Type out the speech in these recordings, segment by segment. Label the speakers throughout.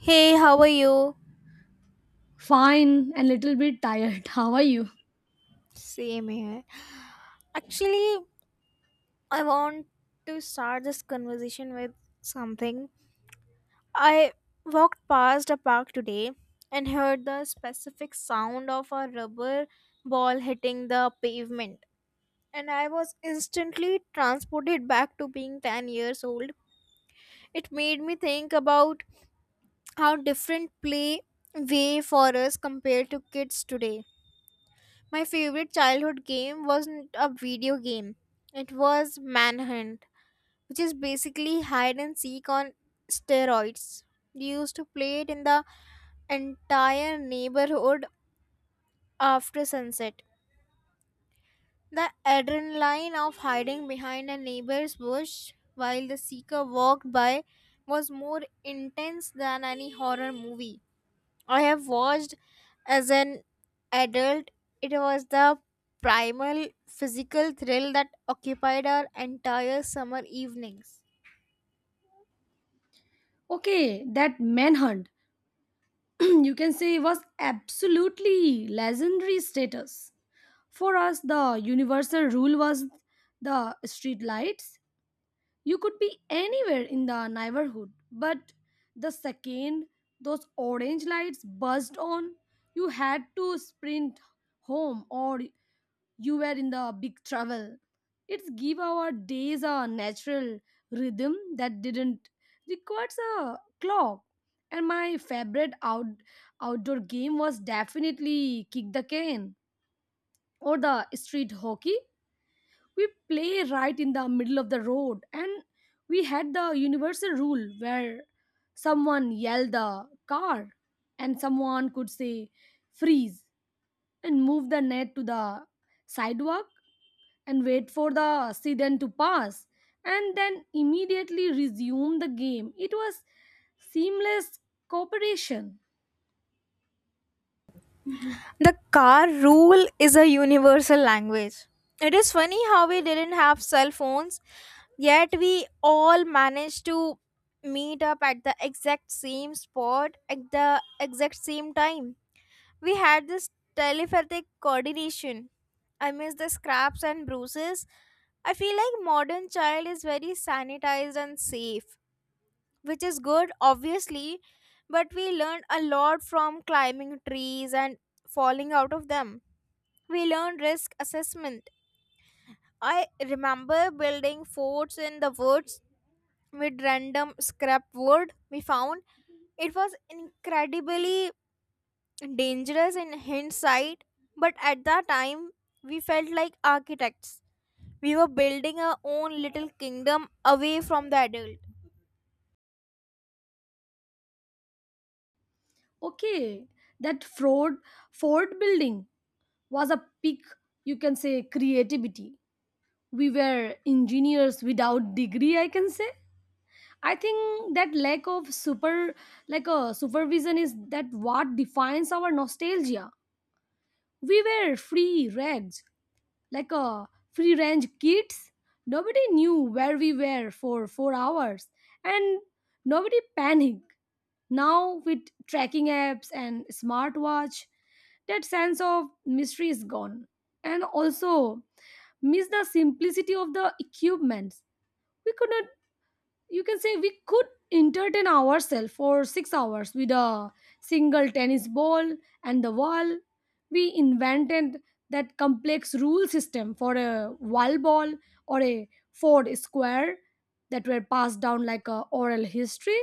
Speaker 1: Hey, how are you?
Speaker 2: Fine and little bit tired. How are you?
Speaker 1: Same here. Actually, I want to start this conversation with something. I walked past a park today and heard the specific sound of a rubber ball hitting the pavement. And I was instantly transported back to being 10 years old. It made me think about how different play way for us compared to kids today. My favorite childhood game wasn't a video game. It was Manhunt, which is basically hide and seek on steroids. We used to play it in the entire neighborhood after sunset. The adrenaline of hiding behind a neighbor's bush while the seeker walked by was more intense than any horror movie. I have watched as an adult, it was the primal physical thrill that occupied our entire summer evenings.
Speaker 2: Okay, that manhunt, you can say, was absolutely legendary status. For us, the universal rule was the street lights. You could be anywhere in the neighborhood, but the second those orange lights buzzed on, you had to sprint home or you were in the big trouble. It's give our days a natural rhythm that didn't requires a clock. And my favorite outdoor game was definitely kick the can or the street hockey. We play right in the middle of the road, and we had the universal rule where someone yelled the car and someone could say freeze and move the net to the sidewalk and wait for the accident to pass and then immediately resume the game. It was seamless cooperation.
Speaker 1: The car rule is a universal language. It is funny how we didn't have cell phones, yet we all managed to meet up at the exact same spot at the exact same time. We had this telepathic coordination. I miss the scraps and bruises. I feel like modern child is very sanitized and safe, which is good obviously, but we learned a lot from climbing trees and falling out of them. We learned risk assessment. I remember building forts in the woods with random scrap wood we found. It was incredibly dangerous in hindsight, but at that time we felt like architects. We were building our own little kingdom away from the adult.
Speaker 2: Okay, that fraud fort building was a peak, you can say, creativity. We were engineers without degree, I can say. I think that lack of super like a supervision is that what defines our nostalgia. We were free rags like a free range kids. Nobody knew where we were for 4 hours and nobody panicked. Now, with tracking apps and smartwatch, that sense of mystery is gone. And also, miss the simplicity of the equipment. We could not you can say we could entertain ourselves for 6 hours with a single tennis ball and the wall. We invented that complex rule system for a wall ball or a Ford square that were passed down like a oral history.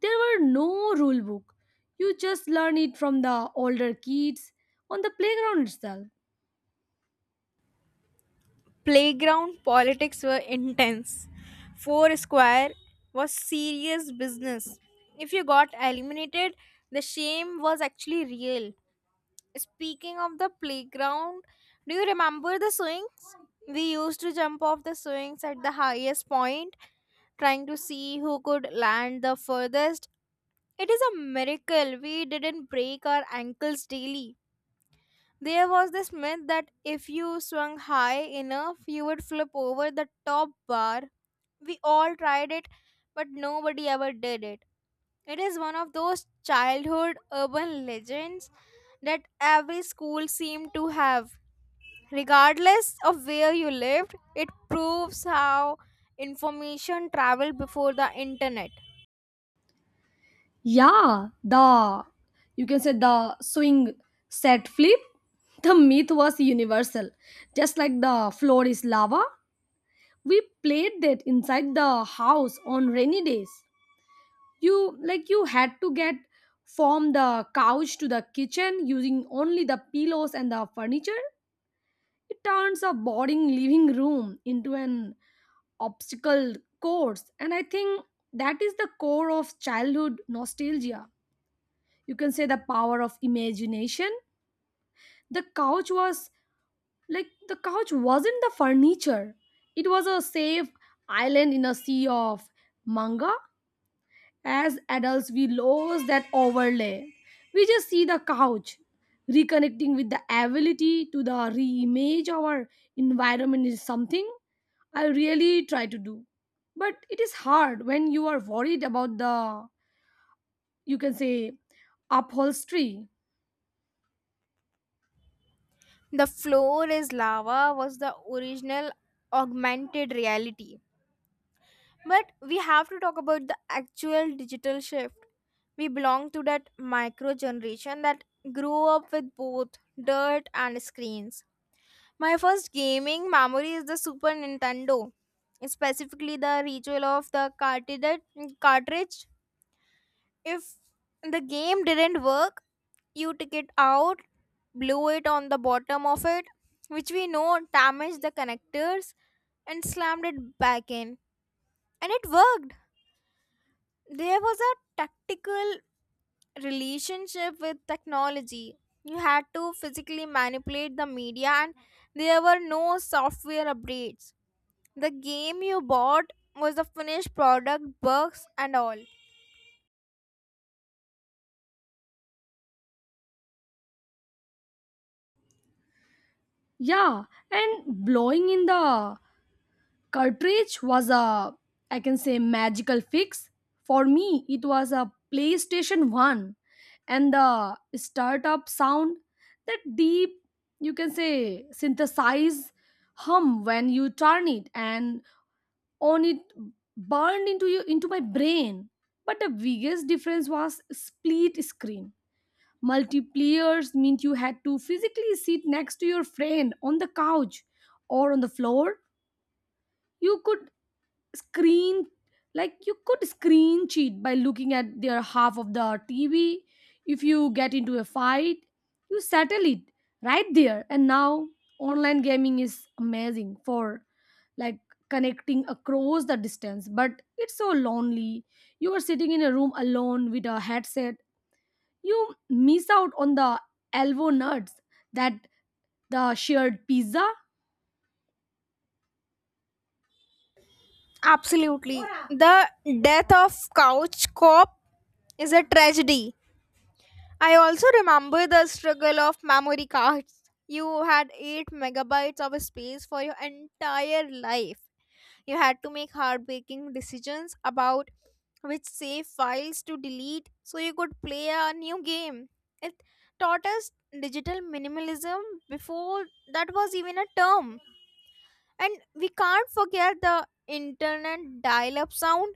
Speaker 2: There were no rule book. You just learn it from the older kids on the playground itself.
Speaker 1: Playground politics were intense. Four Square was serious business. If you got eliminated, the shame was actually real. Speaking of the playground, do you remember the swings? We used to jump off the swings at the highest point, trying to see who could land the furthest. It is a miracle we didn't break our ankles daily. There was this myth that if you swung high enough, you would flip over the top bar. We all tried it, but nobody ever did it. It is one of those childhood urban legends that every school seemed to have. Regardless of where you lived, it proves how information traveled before the internet.
Speaker 2: Yeah, the you can say the swing set flip. The myth was universal. Just like the floor is lava, we played that inside the house on rainy days. You had to get from the couch to the kitchen using only the pillows and the furniture. It turns a boring living room into an obstacle course, and I think that is the core of childhood nostalgia. You can say the power of imagination. The couch was like the couch wasn't the furniture, it was a safe island in a sea of manga. As adults, we lose that overlay, we just see the couch. Reconnecting with the ability to the reimage our environment is something I really try to do, but it is hard when you are worried about the, you can say, upholstery.
Speaker 1: The floor is lava was the original augmented reality. But we have to talk about the actual digital shift. We belong to that micro generation that grew up with both dirt and screens. My first gaming memory is the Super Nintendo, specifically the ritual of the cartridge. If the game didn't work, you took it out, blew it on the bottom of it, which we know damaged the connectors, and slammed it back in. And it worked. There was a tactical relationship with technology. You had to physically manipulate the media, and there were no software updates. The game you bought was the finished product, bugs and all.
Speaker 2: Yeah, and blowing in the cartridge was a, I can say, magical fix. For me, it was a PlayStation 1 and the startup sound, that deep, you can say, synthesize hum when you turn it and on it burned into my brain. But the biggest difference was split screen. Multiplayers meant you had to physically sit next to your friend on the couch or on the floor. You could screen you could screen cheat by looking at their half of the TV. If you get into a fight, you settle it right there. And now online gaming is amazing for, like, connecting across the distance, but it's so lonely. You are sitting in a room alone with a headset. You miss out on the elbow nuts, that, the shared pizza.
Speaker 1: Absolutely. The death of Couch Cop is a tragedy. I also remember the struggle of memory cards. You had 8 megabytes of space for your entire life. You had to make heartbreaking decisions about which save files to delete so you could play a new game. It taught us digital minimalism before that was even a term. And we can't forget the internet dial up sound,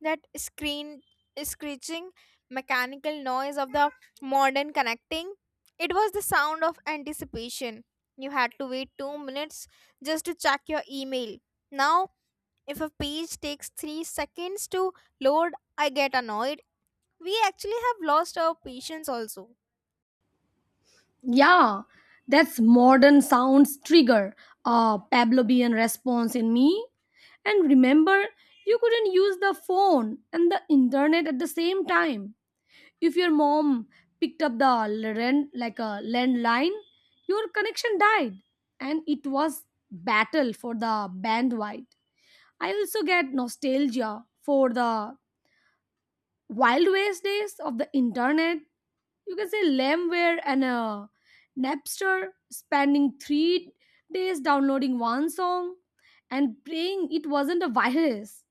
Speaker 1: that screen screeching mechanical noise of the modern connecting. It was the sound of anticipation. You had to wait 2 minutes just to check your email. Now, if a page takes 3 seconds to load, I get annoyed. We actually have lost our patience also.
Speaker 2: Yeah, that's modern sounds trigger a Pavlovian response in me. And remember, you couldn't use the phone and the internet at the same time. If your mom picked up the land, like a landline, your connection died, and it was battle for the bandwidth. I also get nostalgia for the Wild West days of the internet, you can say Lamware and Napster, spending 3 days downloading one song and praying it wasn't a virus.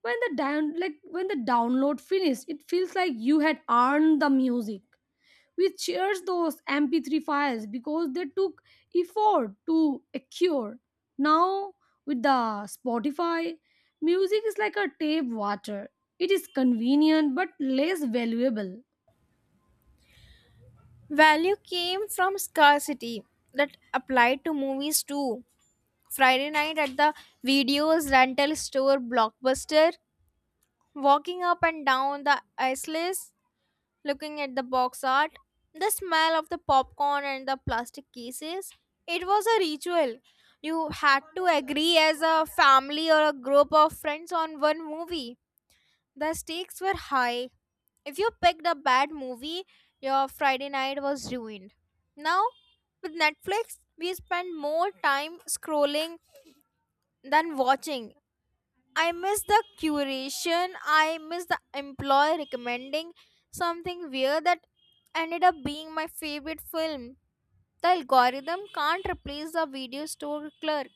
Speaker 2: When the download finished, it feels like you had earned the music. We cherish those MP3 files because they took effort to acquire. Now, with the Spotify, music is like a tap water. It is convenient but less valuable.
Speaker 1: Value came from scarcity that applied to movies too. Friday night at the videos rental store blockbuster, walking up and down the aisles, looking at the box art, the smell of the popcorn and the plastic cases. It was a ritual. You had to agree as a family or a group of friends on one movie. The stakes were high. If you picked a bad movie, your Friday night was ruined. Now, with Netflix, we spend more time scrolling than watching. I miss the curation. I miss the employee recommending something weird that ended up being my favorite film. The algorithm can't replace the video store clerk.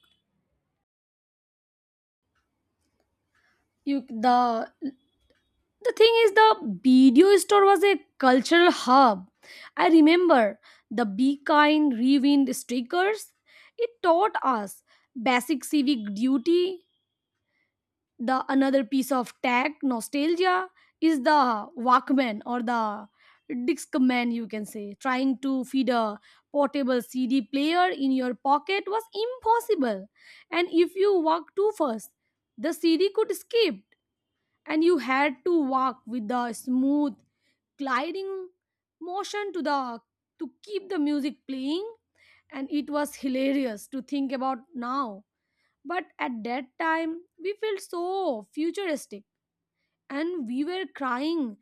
Speaker 2: You the thing is the video store was a cultural hub. I remember the Be Kind Rewind stickers. It taught us basic civic duty. The another piece of tech nostalgia is the Walkman or the Discman, you can say. Trying to feed a portable CD player in your pocket was impossible, and if you walked too fast the CD could skip, and you had to walk with the smooth gliding motion to keep the music playing. And it was hilarious to think about now, but at that time we felt so futuristic, and we were crying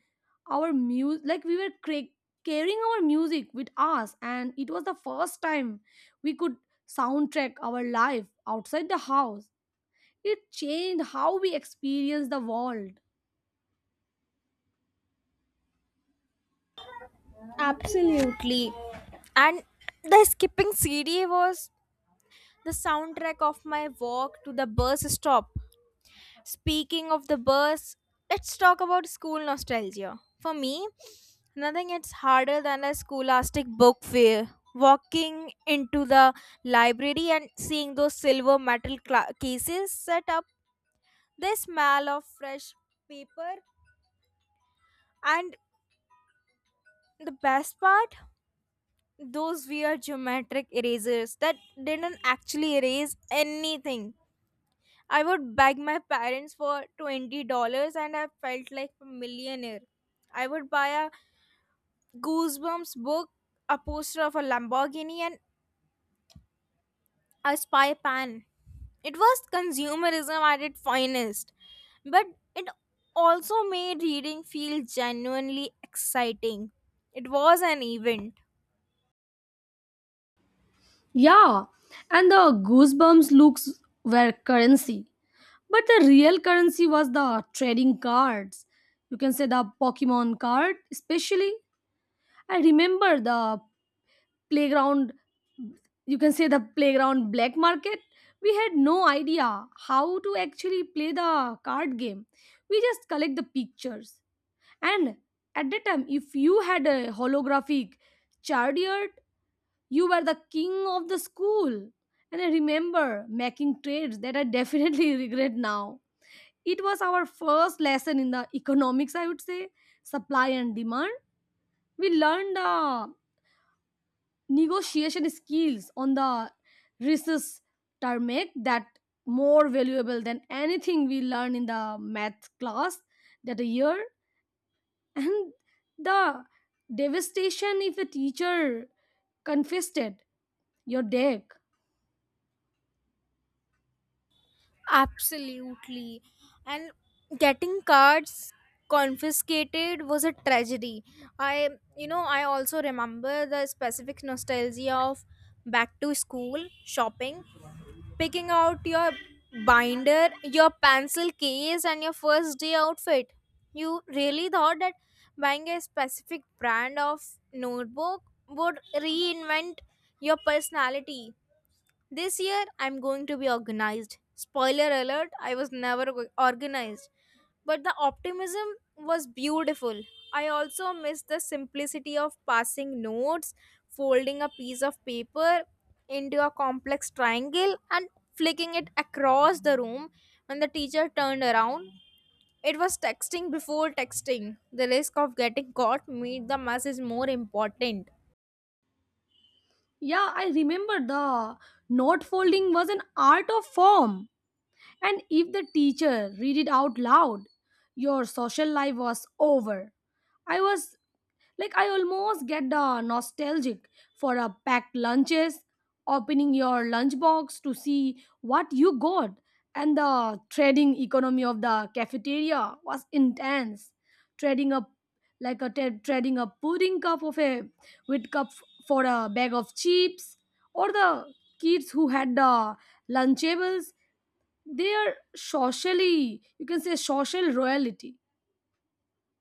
Speaker 2: our music like we were cra- carrying our music with us, and it was the first time we could soundtrack our life outside the house. It changed how we experience the world.
Speaker 1: Absolutely. And the skipping CD was the soundtrack of my walk to the bus stop. Speaking of the bus, let's talk about school nostalgia. For me, nothing hits harder than a scholastic book fair. Walking into the library and seeing those silver metal cla cases set up, the smell of fresh paper, and the best part, those weird geometric erasers that didn't actually erase anything. I would beg my parents for $20 and I felt like a millionaire. I would buy a Goosebumps book, a poster of a Lamborghini, and a spy pan. It was consumerism at its finest, but it also made reading feel genuinely exciting. It was an event.
Speaker 2: Yeah, and the Goosebumps looks were currency, but the real currency was the trading cards, you can say the Pokemon card especially. I remember the playground, you can say, the playground black market. We had no idea how to actually play the card game, we just collect the pictures. And at that time if you had a holographic chariot, you were the king of the school. And I remember making trades that I definitely regret now. It was our first lesson in the economics, I would say, supply and demand. We learned the negotiation skills on the recess term, make that more valuable than anything we learn in the math class that a year. And the devastation if a teacher confessed it your deck.
Speaker 1: Absolutely. And getting cards confiscated was a tragedy. I, I also remember the specific nostalgia of back to school shopping, picking out your binder, your pencil case, and your first day outfit. You really thought that buying a specific brand of notebook would reinvent your personality this year. I'm going to be organized. Spoiler alert, I was never organized. But the optimism was beautiful. I also miss the simplicity of passing notes, folding a piece of paper into a complex triangle and flicking it across the room when the teacher turned around. It was texting before texting. The risk of getting caught made the message more important.
Speaker 2: Yeah, I remember the note folding was an art of form, and if the teacher read it out loud, your social life was over. I was Like I almost get the nostalgic for a packed lunches, opening your lunchbox to see what you got, and the trading economy of the cafeteria was intense. Trading a trading a pudding cup of a with cup for a bag of chips, or the kids who had the Lunchables. They are socially, you can say, social royalty.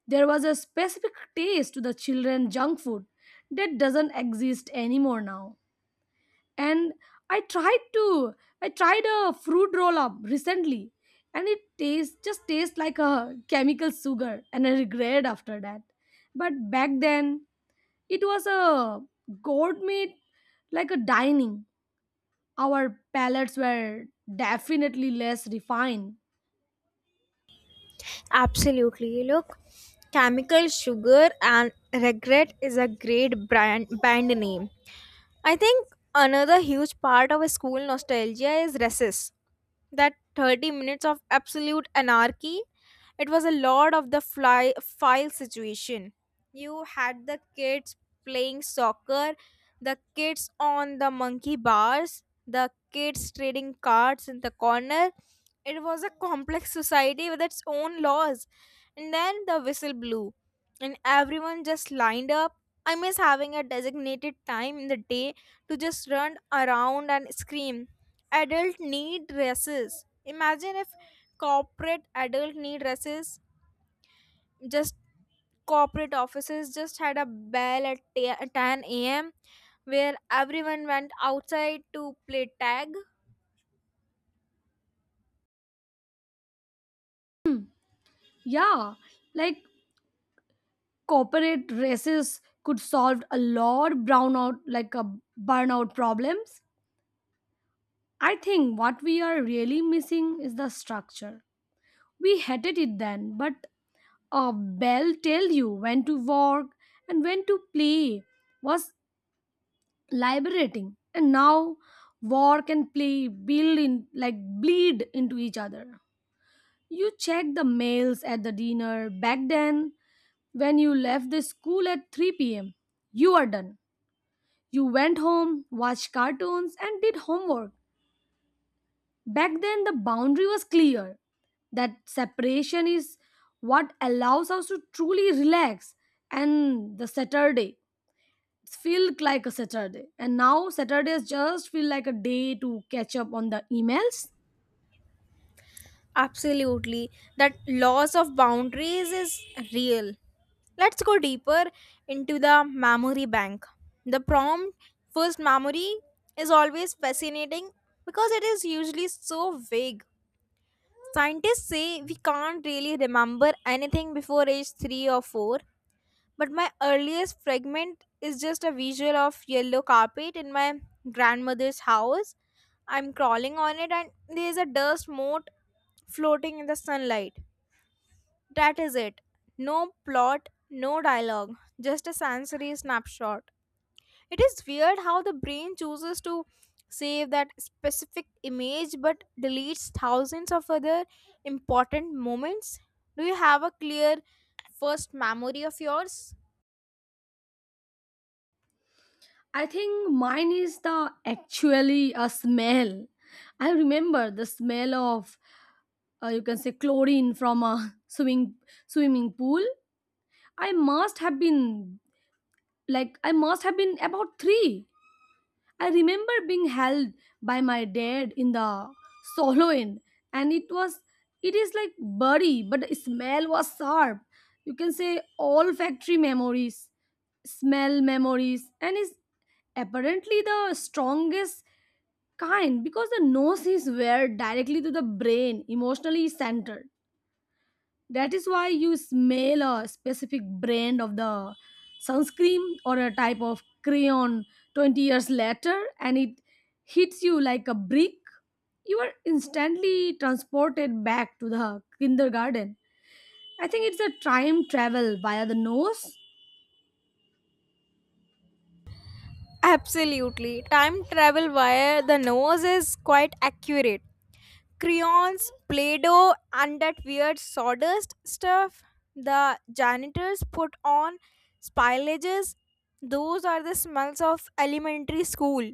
Speaker 2: There was a specific taste to the children junk food that doesn't exist anymore now. And I tried to I tried a fruit roll up recently, and it tastes just tastes like a chemical sugar, and I regret after that. But back then it was a gourmet like a dining. Our palates were definitely less refined.
Speaker 1: Absolutely. Look, Chemical Sugar and Regret is a great brand band name. I think another huge part of school nostalgia is recess. That 30 minutes of absolute anarchy, it was a lot of the fly file situation. You had the kids playing soccer, the kids on the monkey bars, the kids trading cards in the corner. It was a complex society with its own laws. And then the whistle blew, and everyone just lined up. I miss having a designated time in the day to just run around and scream. Adult need dresses. Imagine if corporate adult need dresses, just corporate offices just had a bell at 10 a.m. where everyone went outside to play tag.
Speaker 2: Yeah, like corporate races could solve a lot brownout like a burnout problems. I think what we are really missing is the structure. We hated it then, but a bell tell you when to work and when to play was liberating. And now work and play build in like bleed into each other. You check the mails at the dinner. Back then, when you left the school at 3 p.m, you are done. You went home, watched cartoons, and did homework. Back then, the boundary was clear. That separation is what allows us to truly relax. And the Saturday feel like a Saturday. And now Saturdays just feel like a day to catch up on the emails.
Speaker 1: Absolutely. That loss of boundaries is real. Let's go deeper into the memory bank. The prompt first memory is always fascinating because it is usually so vague. Scientists say we can't really remember anything before age 3 or 4, but my earliest fragment is just a visual of yellow carpet in my grandmother's house. I'm crawling on it and there's a dust mote floating in the sunlight. That is it. No plot, no dialogue, just a sensory snapshot. It is weird how the brain chooses to save that specific image but deletes thousands of other important moments. Do you have a clear first memory of yours?
Speaker 2: I think mine is the actually a smell. I remember the smell of you can say chlorine from a swimming pool. I must have been like I must have been about three. I remember being held by my dad in the solo end, and it is like body, but the smell was sharp. You can say olfactory memories, smell memories, and is apparently the strongest kind because the nose is where directly to the brain, emotionally centered. That is why you smell a specific brand of the sunscreen or a type of crayon 20 years later and it hits you like a brick. You are instantly transported back to the kindergarten. I think it's a time travel via the nose.
Speaker 1: Absolutely. Time travel via the nose is quite accurate. Crayons, Play Doh, and that weird sawdust stuff the janitors put on, spillages, those are the smells of elementary school.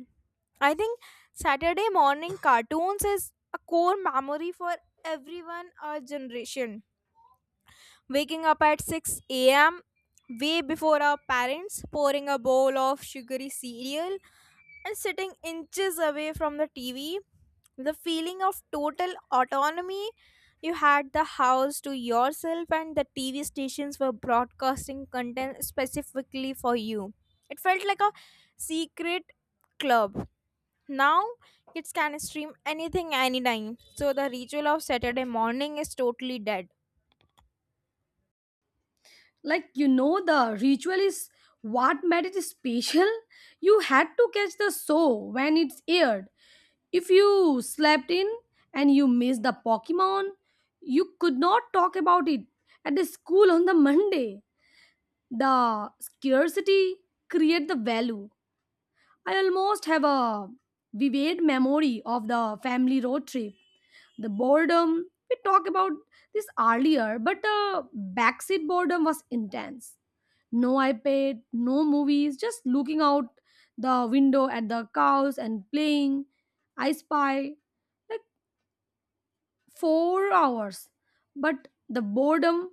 Speaker 1: I think Saturday morning cartoons is a core memory for everyone, our generation waking up at 6 a.m., way before our parents, pouring a bowl of sugary cereal, and sitting inches away from the TV. The feeling of total autonomy. You had the house to yourself, and the TV stations were broadcasting content specifically for you. It felt like a secret club. Now, kids can stream anything anytime, so the ritual of Saturday morning is totally dead.
Speaker 2: Like, the ritual is what made it special. You had to catch the show when it's aired. If you slept in and you missed the Pokemon, you could not talk about it at the school on the Monday. The scarcity create the value. I almost have a vivid memory of the family road trip. The boredom, we talked about this earlier, but the backseat boredom was intense. No iPad, no movies, just looking out the window at the cows and playing I Spy, like, 4 hours, but the boredom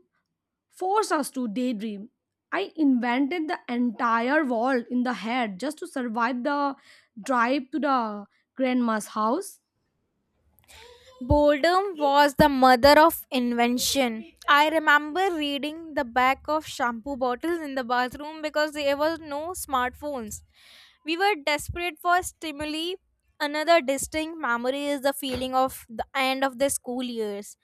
Speaker 2: forced us to daydream. I invented the entire wall in the head just to survive the drive to the grandma's house.
Speaker 1: Boredom was the mother of invention. I remember reading the back of shampoo bottles in the bathroom because there was no smartphones. We were desperate for stimuli. Another distinct memory is the feeling of the end of the school years.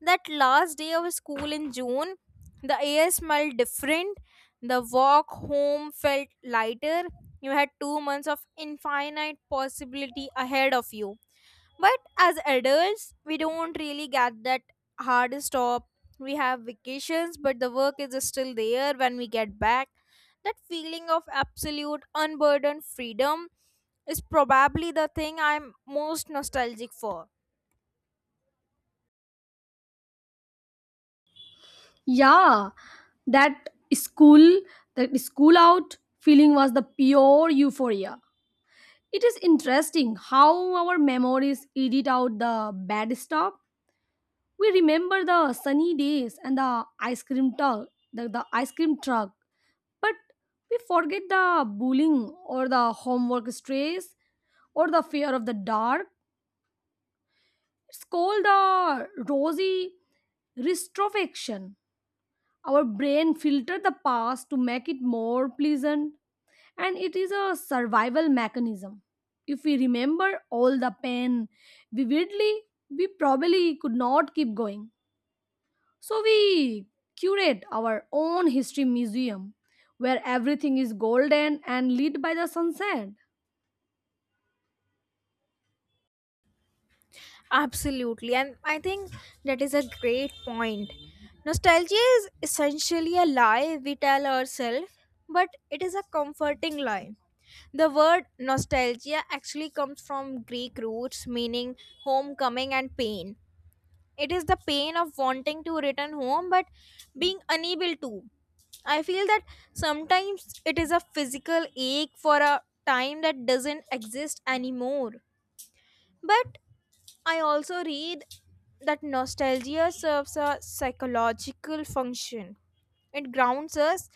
Speaker 1: That last day of school in June, the air smelled different. The walk home felt lighter. You had 2 months of infinite possibility ahead of you. But as adults, we don't really get that hard stop. We have vacations, but the work is still there when we get back. That feeling of absolute unburdened freedom is probably the thing I'm most nostalgic for.
Speaker 2: Yeah, that school, that school out feeling was the pure euphoria. It is interesting how our memories edit out the bad stuff. We remember the sunny days and the ice cream truck, the, the ice cream truck But we forget the bullying or the homework stress or the fear of the dark. It's called the rosy retrospection. Our brain filters the past to make it more pleasant, and it is a survival mechanism. If we remember all the pain vividly, we probably could not keep going. So we curate our own history museum where everything is golden and lit by the sunset.
Speaker 1: Absolutely, and I think that is a great point. Nostalgia is essentially a lie we tell ourselves, but it is a comforting lie. The word nostalgia actually comes from Greek roots meaning homecoming and pain. It is the pain of wanting to return home but being unable to. I feel that sometimes it is a physical ache for a time that doesn't exist anymore. But I also read that nostalgia serves a psychological function. It grounds us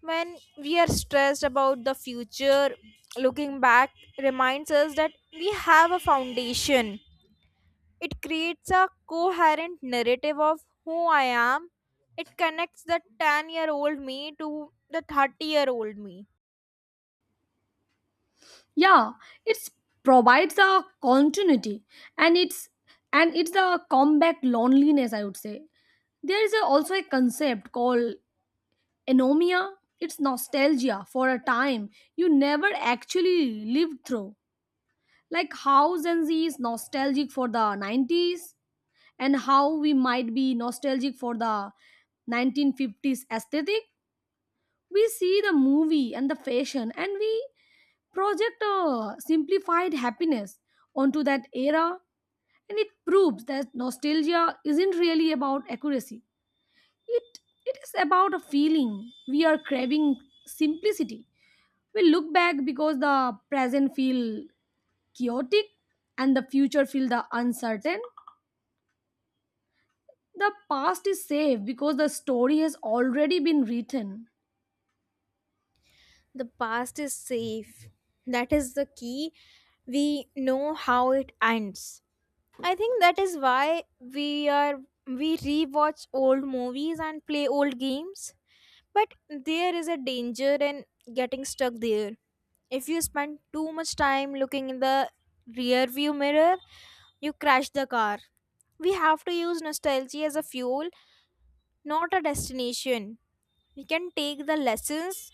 Speaker 1: when we are stressed about the future. Looking back reminds us that we have a foundation. It creates a coherent narrative of who I am. It connects the 10-year-old me to the 30-year-old me.
Speaker 2: Yeah, it provides a continuity, and it's and it's a combat loneliness, I would say. There is also a concept called anomia. It's nostalgia for a time you never actually lived through. Like how Gen Z is nostalgic for the 90s and how we might be nostalgic for the 1950s aesthetic. We see the movie and the fashion and we project simplified happiness onto that era, and it proves that nostalgia isn't really about accuracy. It it is about a feeling we are craving simplicity. We look back because the present feel chaotic and the future feel the uncertain. The past is safe because the story has already been written.
Speaker 1: The past is safe. That is the key. We know how it ends. I think that is why we are we rewatch old movies and play old games. But there is a danger in getting stuck there. If you spend too much time looking in the rear view mirror, you crash the car. We have to use nostalgia as a fuel, not a destination. We can take the lessons,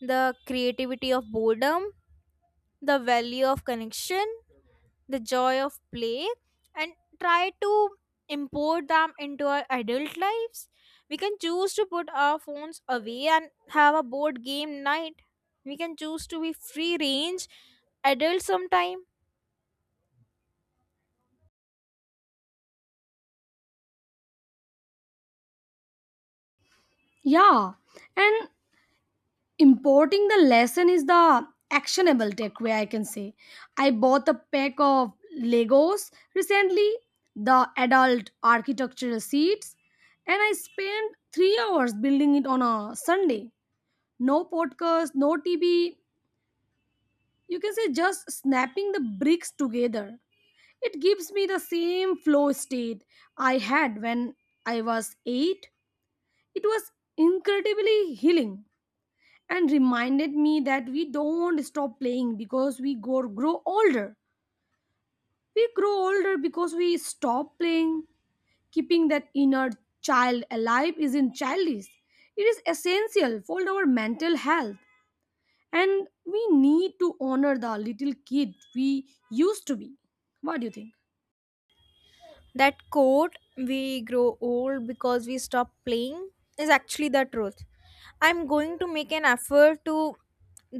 Speaker 1: the creativity of boredom, the value of connection, the joy of play, and try to import them into our adult lives. We can choose to put our phones away and have a board game night. We can choose to be free range adults sometime.
Speaker 2: Yeah, and importing the lesson is the actionable takeaway, I can say. I bought a pack of Legos recently, the adult architectural seats, and I spent 3 hours building it on a Sunday. No podcast, no TV, you can say, just snapping the bricks together. It gives me the same flow state I had when I was eight. It was incredibly healing and reminded me that we don't stop playing because we grow older. We grow older because we stop playing. Keeping that inner child alive isn't childish, it is essential for our mental health. And we need to honor the little kid we used to be. What do you think?
Speaker 1: That quote, we grow old because we stop playing, is actually the truth. I'm going to make an effort to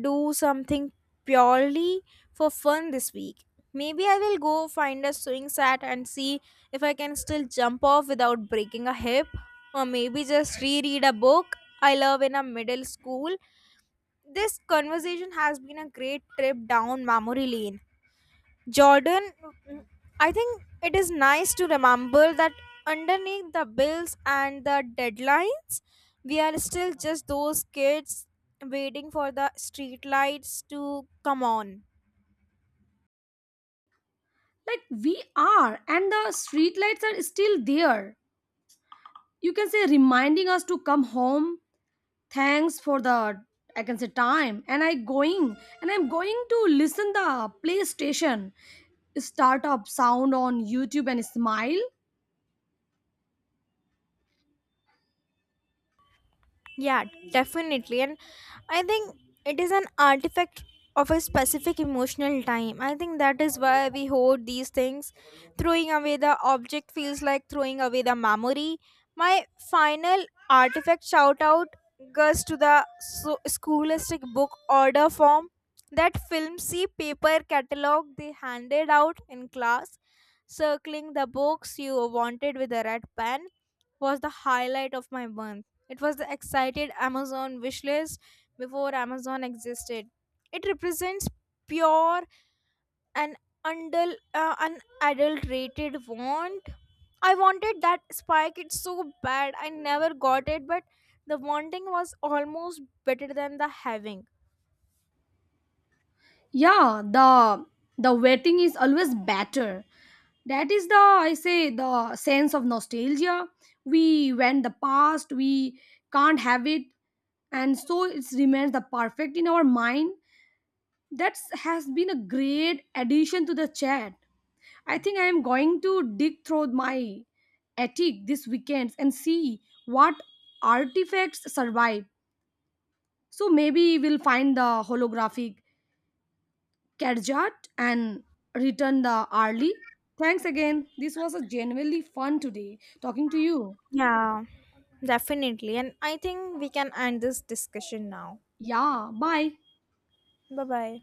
Speaker 1: do something purely for fun this week. Maybe I will go find a swing set and see if I can still jump off without breaking a hip, or maybe just reread a book I love in a middle school. This conversation has been a great trip down memory lane. Jordan, I think it is nice to remember that underneath the bills and the deadlines, we are still just those kids waiting for the streetlights to come on.
Speaker 2: Like, we are, and the streetlights are still there. You can say reminding us to come home. Thanks for the, I can say, time. And I'm going to listen the PlayStation startup sound on YouTube and smile.
Speaker 1: Yeah, definitely. And I think it is an artifact of a specific emotional time. I think that is why we hoard these things. Throwing away the object feels like throwing away the memory. My final artifact shout out goes to the scholastic book order form. That filmsy paper catalog they handed out in class, circling the books you wanted with a red pen was the highlight of my month. It was the excited Amazon wishlist before Amazon existed. It represents pure and unadulterated want. I wanted that spike. It's so bad. I never got it, but the wanting was almost better than the having.
Speaker 2: Yeah, the waiting is always better. That is the I say the sense of nostalgia. We went the past, we can't have it, and so it remains the perfect in our mind. That has been a great addition to the chat. I think I am going to dig through my attic this weekend and see what artifacts survive. So maybe we'll find the holographic Kerjat and return the early. Thanks again. This was a genuinely fun today talking to you.
Speaker 1: Yeah, definitely. And I think we can end this discussion now.
Speaker 2: Yeah, bye.
Speaker 1: Bye bye.